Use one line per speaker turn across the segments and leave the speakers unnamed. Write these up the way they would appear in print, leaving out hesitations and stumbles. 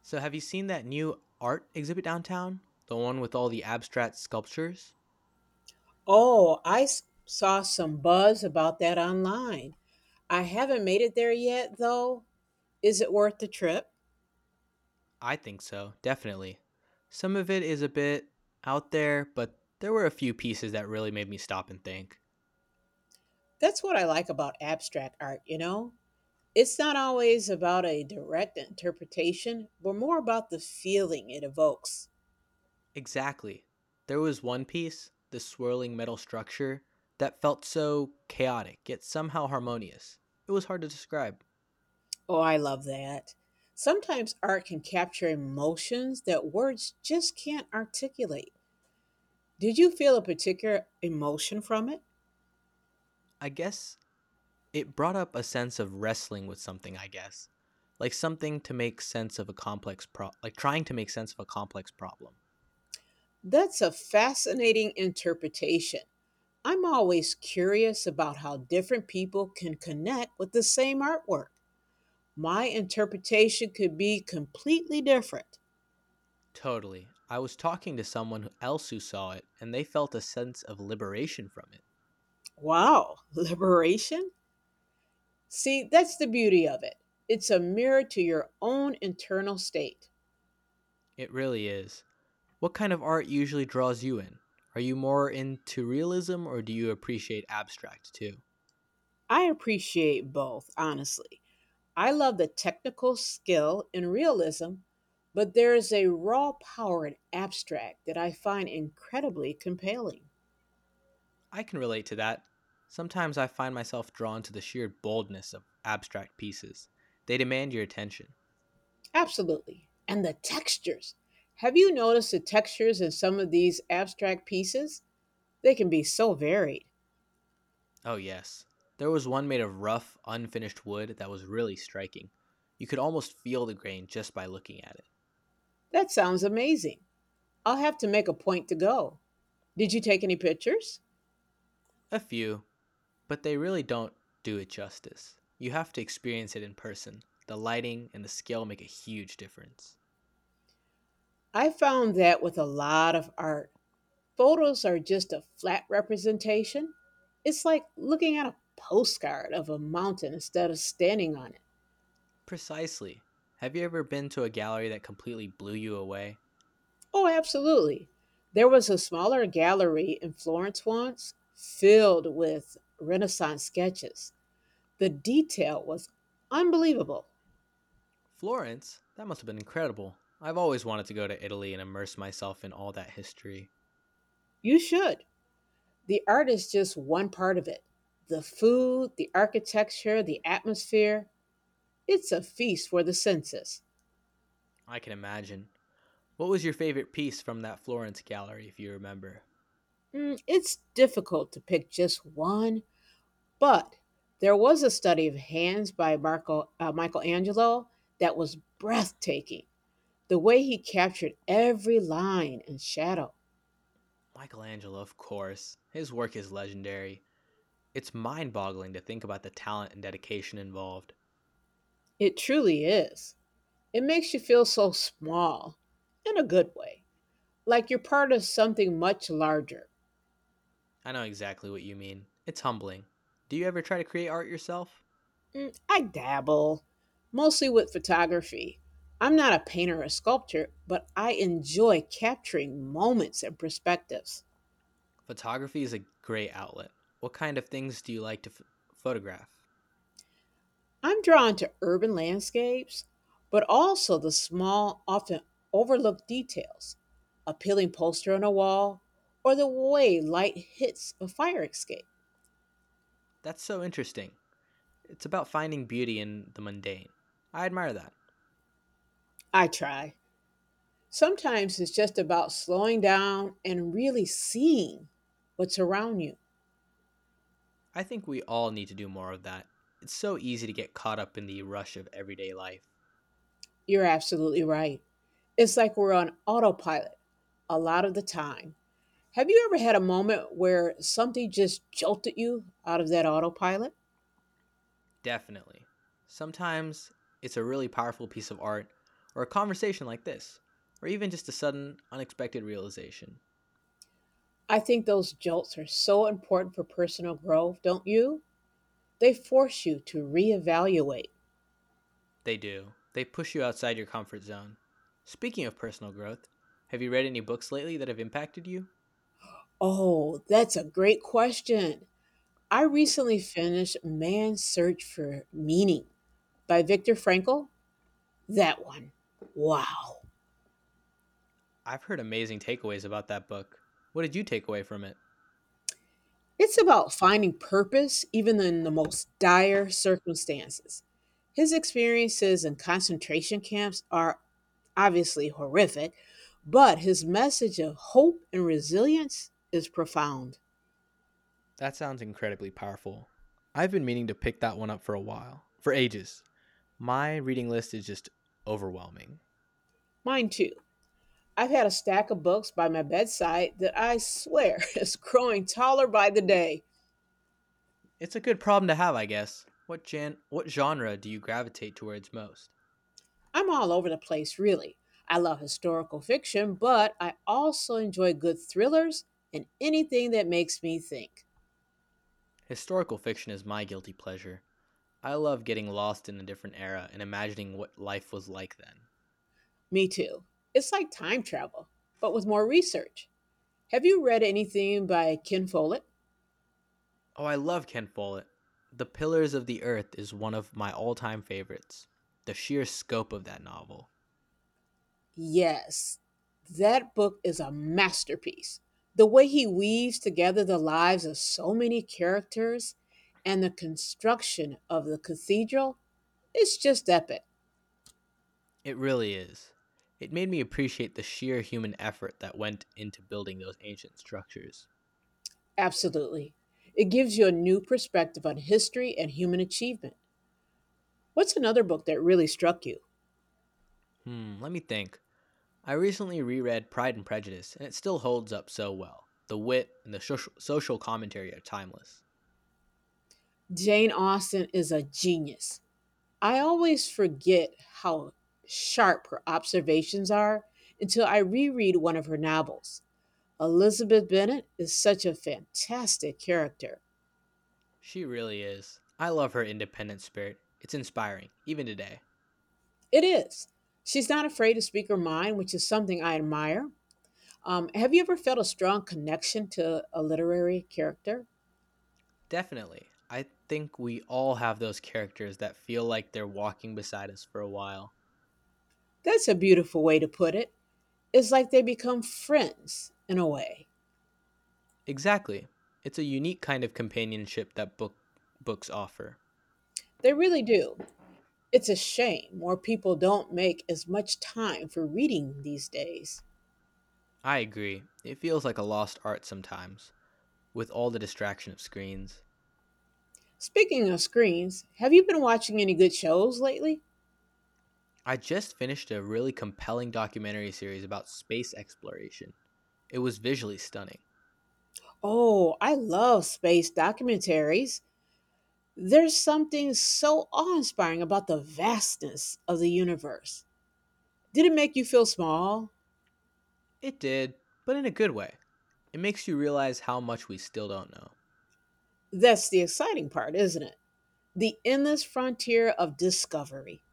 So, have you seen that new art exhibit downtown? The one with all the abstract sculptures?
Oh, I saw some buzz about that online. I haven't made it there yet, though. Is it worth the trip?
I think so, definitely. Some of it is a bit out there, but there were a few pieces that really made me stop and think.
That's what I like about abstract art, you know? It's not always about a direct interpretation, but more about the feeling it evokes.
Exactly. There was one piece, the swirling metal structure, that felt so chaotic, yet somehow harmonious. It was hard to describe.
Oh, I love that. Sometimes art can capture emotions that words just can't articulate. Did you feel a particular emotion from it?
I guess it brought up a sense of wrestling with something, I guess. Like something to make sense of a like trying to make sense of a complex problem.
That's a fascinating interpretation. I'm always curious about how different people can connect with the same artwork. My interpretation could be completely different.
Totally. I was talking to someone else who saw it, and they felt a sense of liberation from it.
Wow, liberation? See, that's the beauty of it. It's a mirror to your own internal state.
It really is. What kind of art usually draws you in? Are you more into realism or do you appreciate abstract too?
I appreciate both, honestly. I love the technical skill and realism, but there is a raw power in abstract that I find incredibly compelling.
I can relate to that. Sometimes I find myself drawn to the sheer boldness of abstract pieces, they demand your attention.
Absolutely. And the textures. Have you noticed the textures in some of these abstract pieces? They can be so varied.
Oh, yes. There was one made of rough, unfinished wood that was really striking. You could almost feel the grain just by looking at it.
That sounds amazing. I'll have to make a point to go. Did you take any pictures?
A few, but they really don't do it justice. You have to experience it in person. The lighting and the scale make a huge difference.
I found that with a lot of art, photos are just a flat representation. It's like looking at a postcard of a mountain instead of standing on it.
Precisely. Have you ever been to a gallery that completely blew you away?
Oh, absolutely. There was a smaller gallery in Florence once filled with Renaissance sketches. The detail was unbelievable.
Florence? That must have been incredible. I've always wanted to go to Italy and immerse myself in all that history.
You should. The art is just one part of it. The food, the architecture, the atmosphere, it's a feast for the senses.
I can imagine. What was your favorite piece from that Florence gallery, if you remember?
Mm, it's difficult to pick just one, but there was a study of hands by Michelangelo that was breathtaking. The way he captured every line and shadow.
Michelangelo, of course. His work is legendary. It's mind boggling to think about the talent and dedication involved.
It truly is. It makes you feel so small in a good way. Like you're part of something much larger.
I know exactly what you mean. It's humbling. Do you ever try to create art yourself?
Mm, I dabble, mostly with photography. I'm not a painter or sculptor, but I enjoy capturing moments and perspectives.
Photography is a great outlet. What kind of things do you like to photograph?
I'm drawn to urban landscapes, but also the small, often overlooked details a peeling poster on a wall, or the way light hits a fire escape.
That's so interesting. It's about finding beauty in the mundane. I admire that.
I try. Sometimes it's just about slowing down and really seeing what's around you.
I think we all need to do more of that. It's so easy to get caught up in the rush of everyday life.
You're absolutely right. It's like we're on autopilot a lot of the time. Have you ever had a moment where something just jolted you out of that autopilot?
Definitely. Sometimes it's a really powerful piece of art, or a conversation like this, or even just a sudden, unexpected realization.
I think those jolts are so important for personal growth, don't you? They force you to reevaluate.
They do. They push you outside your comfort zone. Speaking of personal growth, have you read any books lately that have impacted you?
Oh, that's a great question. I recently finished Man's Search for Meaning by Viktor Frankl. That one. Wow.
I've heard amazing takeaways about that book. What did you take away from it?
It's about finding purpose even in the most dire circumstances. His experiences in concentration camps are obviously horrific, but his message of hope and resilience is profound.
That sounds incredibly powerful. I've been meaning to pick that one up for a while, for ages. My reading list is just overwhelming.
Mine too. I've had a stack of books by my bedside that I swear is growing taller by the day.
It's a good problem to have, I guess. What what genre do you gravitate towards most?
I'm all over the place, really. I love historical fiction, but I also enjoy good thrillers and anything that makes me think.
Historical fiction is my guilty pleasure. I love getting lost in a different era and imagining what life was like then.
Me too. It's like time travel, but with more research. Have you read anything by Ken Follett?
Oh, I love Ken Follett. The Pillars of the Earth is one of my all-time favorites. The sheer scope of that novel.
Yes, that book is a masterpiece. The way he weaves together the lives of so many characters and the construction of the cathedral is just epic.
It really is. It made me appreciate the sheer human effort that went into building those ancient structures.
Absolutely. It gives you a new perspective on history and human achievement. What's another book that really struck you?
Hmm, let me think. I recently reread Pride and Prejudice, and it still holds up so well. The wit and the social commentary are timeless.
Jane Austen is a genius. I always forget how sharp her observations are until I reread one of her novels. Elizabeth Bennet is such a fantastic character.
She really is. I love her independent spirit. It's inspiring, even today.
It is. She's not afraid to speak her mind, which is something I admire. Have you ever felt a strong connection to a literary character?
Definitely. I think we all have those characters that feel like they're walking beside us for a while.
That's a beautiful way to put it. It's like they become friends in a way.
Exactly. It's a unique kind of companionship that books offer.
They really do. It's a shame more people don't make as much time for reading these days.
I agree. It feels like a lost art sometimes, with all the distraction of screens.
Speaking of screens, have you been watching any good shows lately?
I just finished a really compelling documentary series about space exploration. It was visually stunning.
Oh, I love space documentaries. There's something so awe-inspiring about the vastness of the universe. Did it make you feel small?
It did, but in a good way. It makes you realize how much we still don't know.
That's the exciting part, isn't it? The endless frontier of discovery.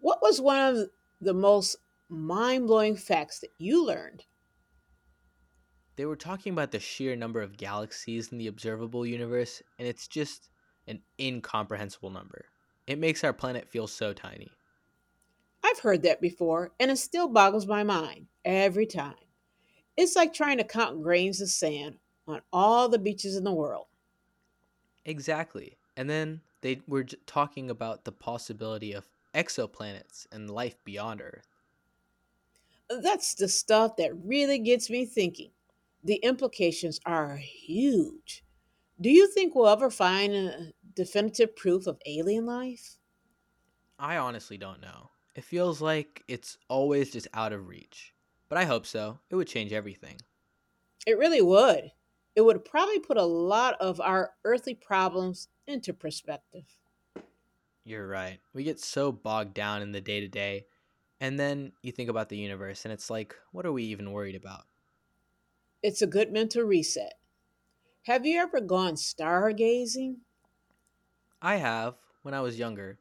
What was one of the most mind-blowing facts that you learned?
They were talking about the sheer number of galaxies in the observable universe, and it's just an incomprehensible number. It makes our planet feel so tiny.
I've heard that before, and it still boggles my mind every time. It's like trying to count grains of sand on all the beaches in the world.
Exactly. And then they were talking about the possibility of exoplanets and life beyond Earth.
That's the stuff that really gets me thinking. The implications are huge. Do you think we'll ever find definitive proof of alien life?
I honestly don't know. It feels like it's always just out of reach. But I hope so. It would change everything.
It really would. It would probably put a lot of our earthly problems into perspective.
You're right. We get so bogged down in the day to day, and then you think about the universe, and it's like, what are we even worried about?
It's a good mental reset. Have you ever gone stargazing?
I have, when I was younger,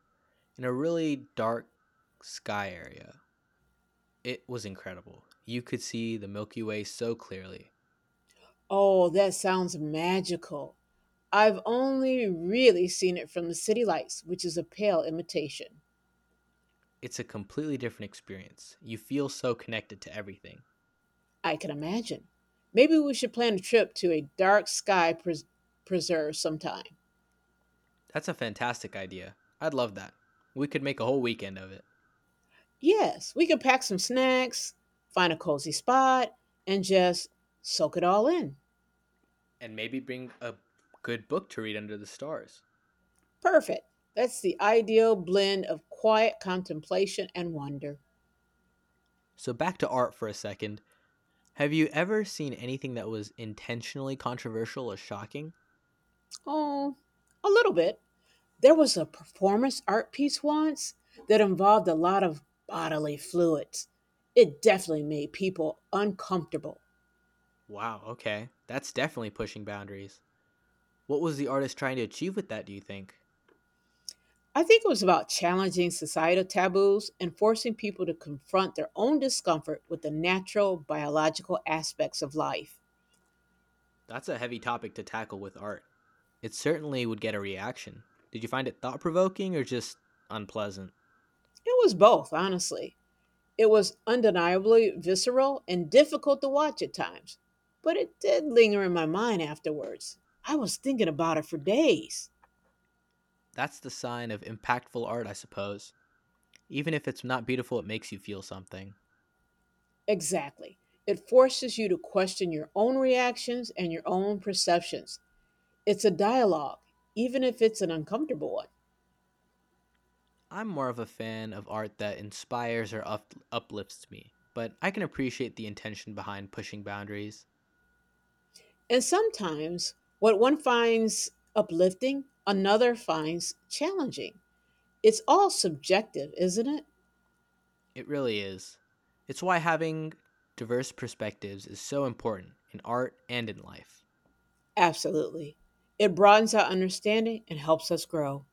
in a really dark sky area, it was incredible. You could see the Milky Way so clearly.
Oh, that sounds magical. I've only really seen it from the city lights, which is a pale imitation.
It's a completely different experience. You feel so connected to everything.
I can imagine. Maybe we should plan a trip to a dark sky preserve sometime.
That's a fantastic idea. I'd love that. We could make a whole weekend of it.
Yes, we can pack some snacks, find a cozy spot, and just soak it all in.
And maybe bring a good book to read under the stars.
Perfect. That's the ideal blend of quiet contemplation and wonder.
So back to art for a second. Have you ever seen anything that was intentionally controversial or shocking?
Oh, a little bit. There was a performance art piece once that involved a lot of bodily fluids. It definitely made people uncomfortable.
Wow, okay. That's definitely pushing boundaries. What was the artist trying to achieve with that, do you think?
I think it was about challenging societal taboos and forcing people to confront their own discomfort with the natural biological aspects of life.
That's a heavy topic to tackle with art. It certainly would get a reaction. Did you find it thought provoking or just unpleasant?
It was both, honestly. It was undeniably visceral and difficult to watch at times, but it did linger in my mind afterwards. I was thinking about it for days.
That's the sign of impactful art, I suppose. Even if it's not beautiful, it makes you feel something.
Exactly. It forces you to question your own reactions and your own perceptions. It's a dialogue, even if it's an uncomfortable one.
I'm more of a fan of art that inspires or uplifts me, but I can appreciate the intention behind pushing boundaries.
And sometimes what one finds uplifting, another finds challenging. It's all subjective, isn't it?
It really is. It's why having diverse perspectives is so important in art and in life.
Absolutely. It broadens our understanding and helps us grow.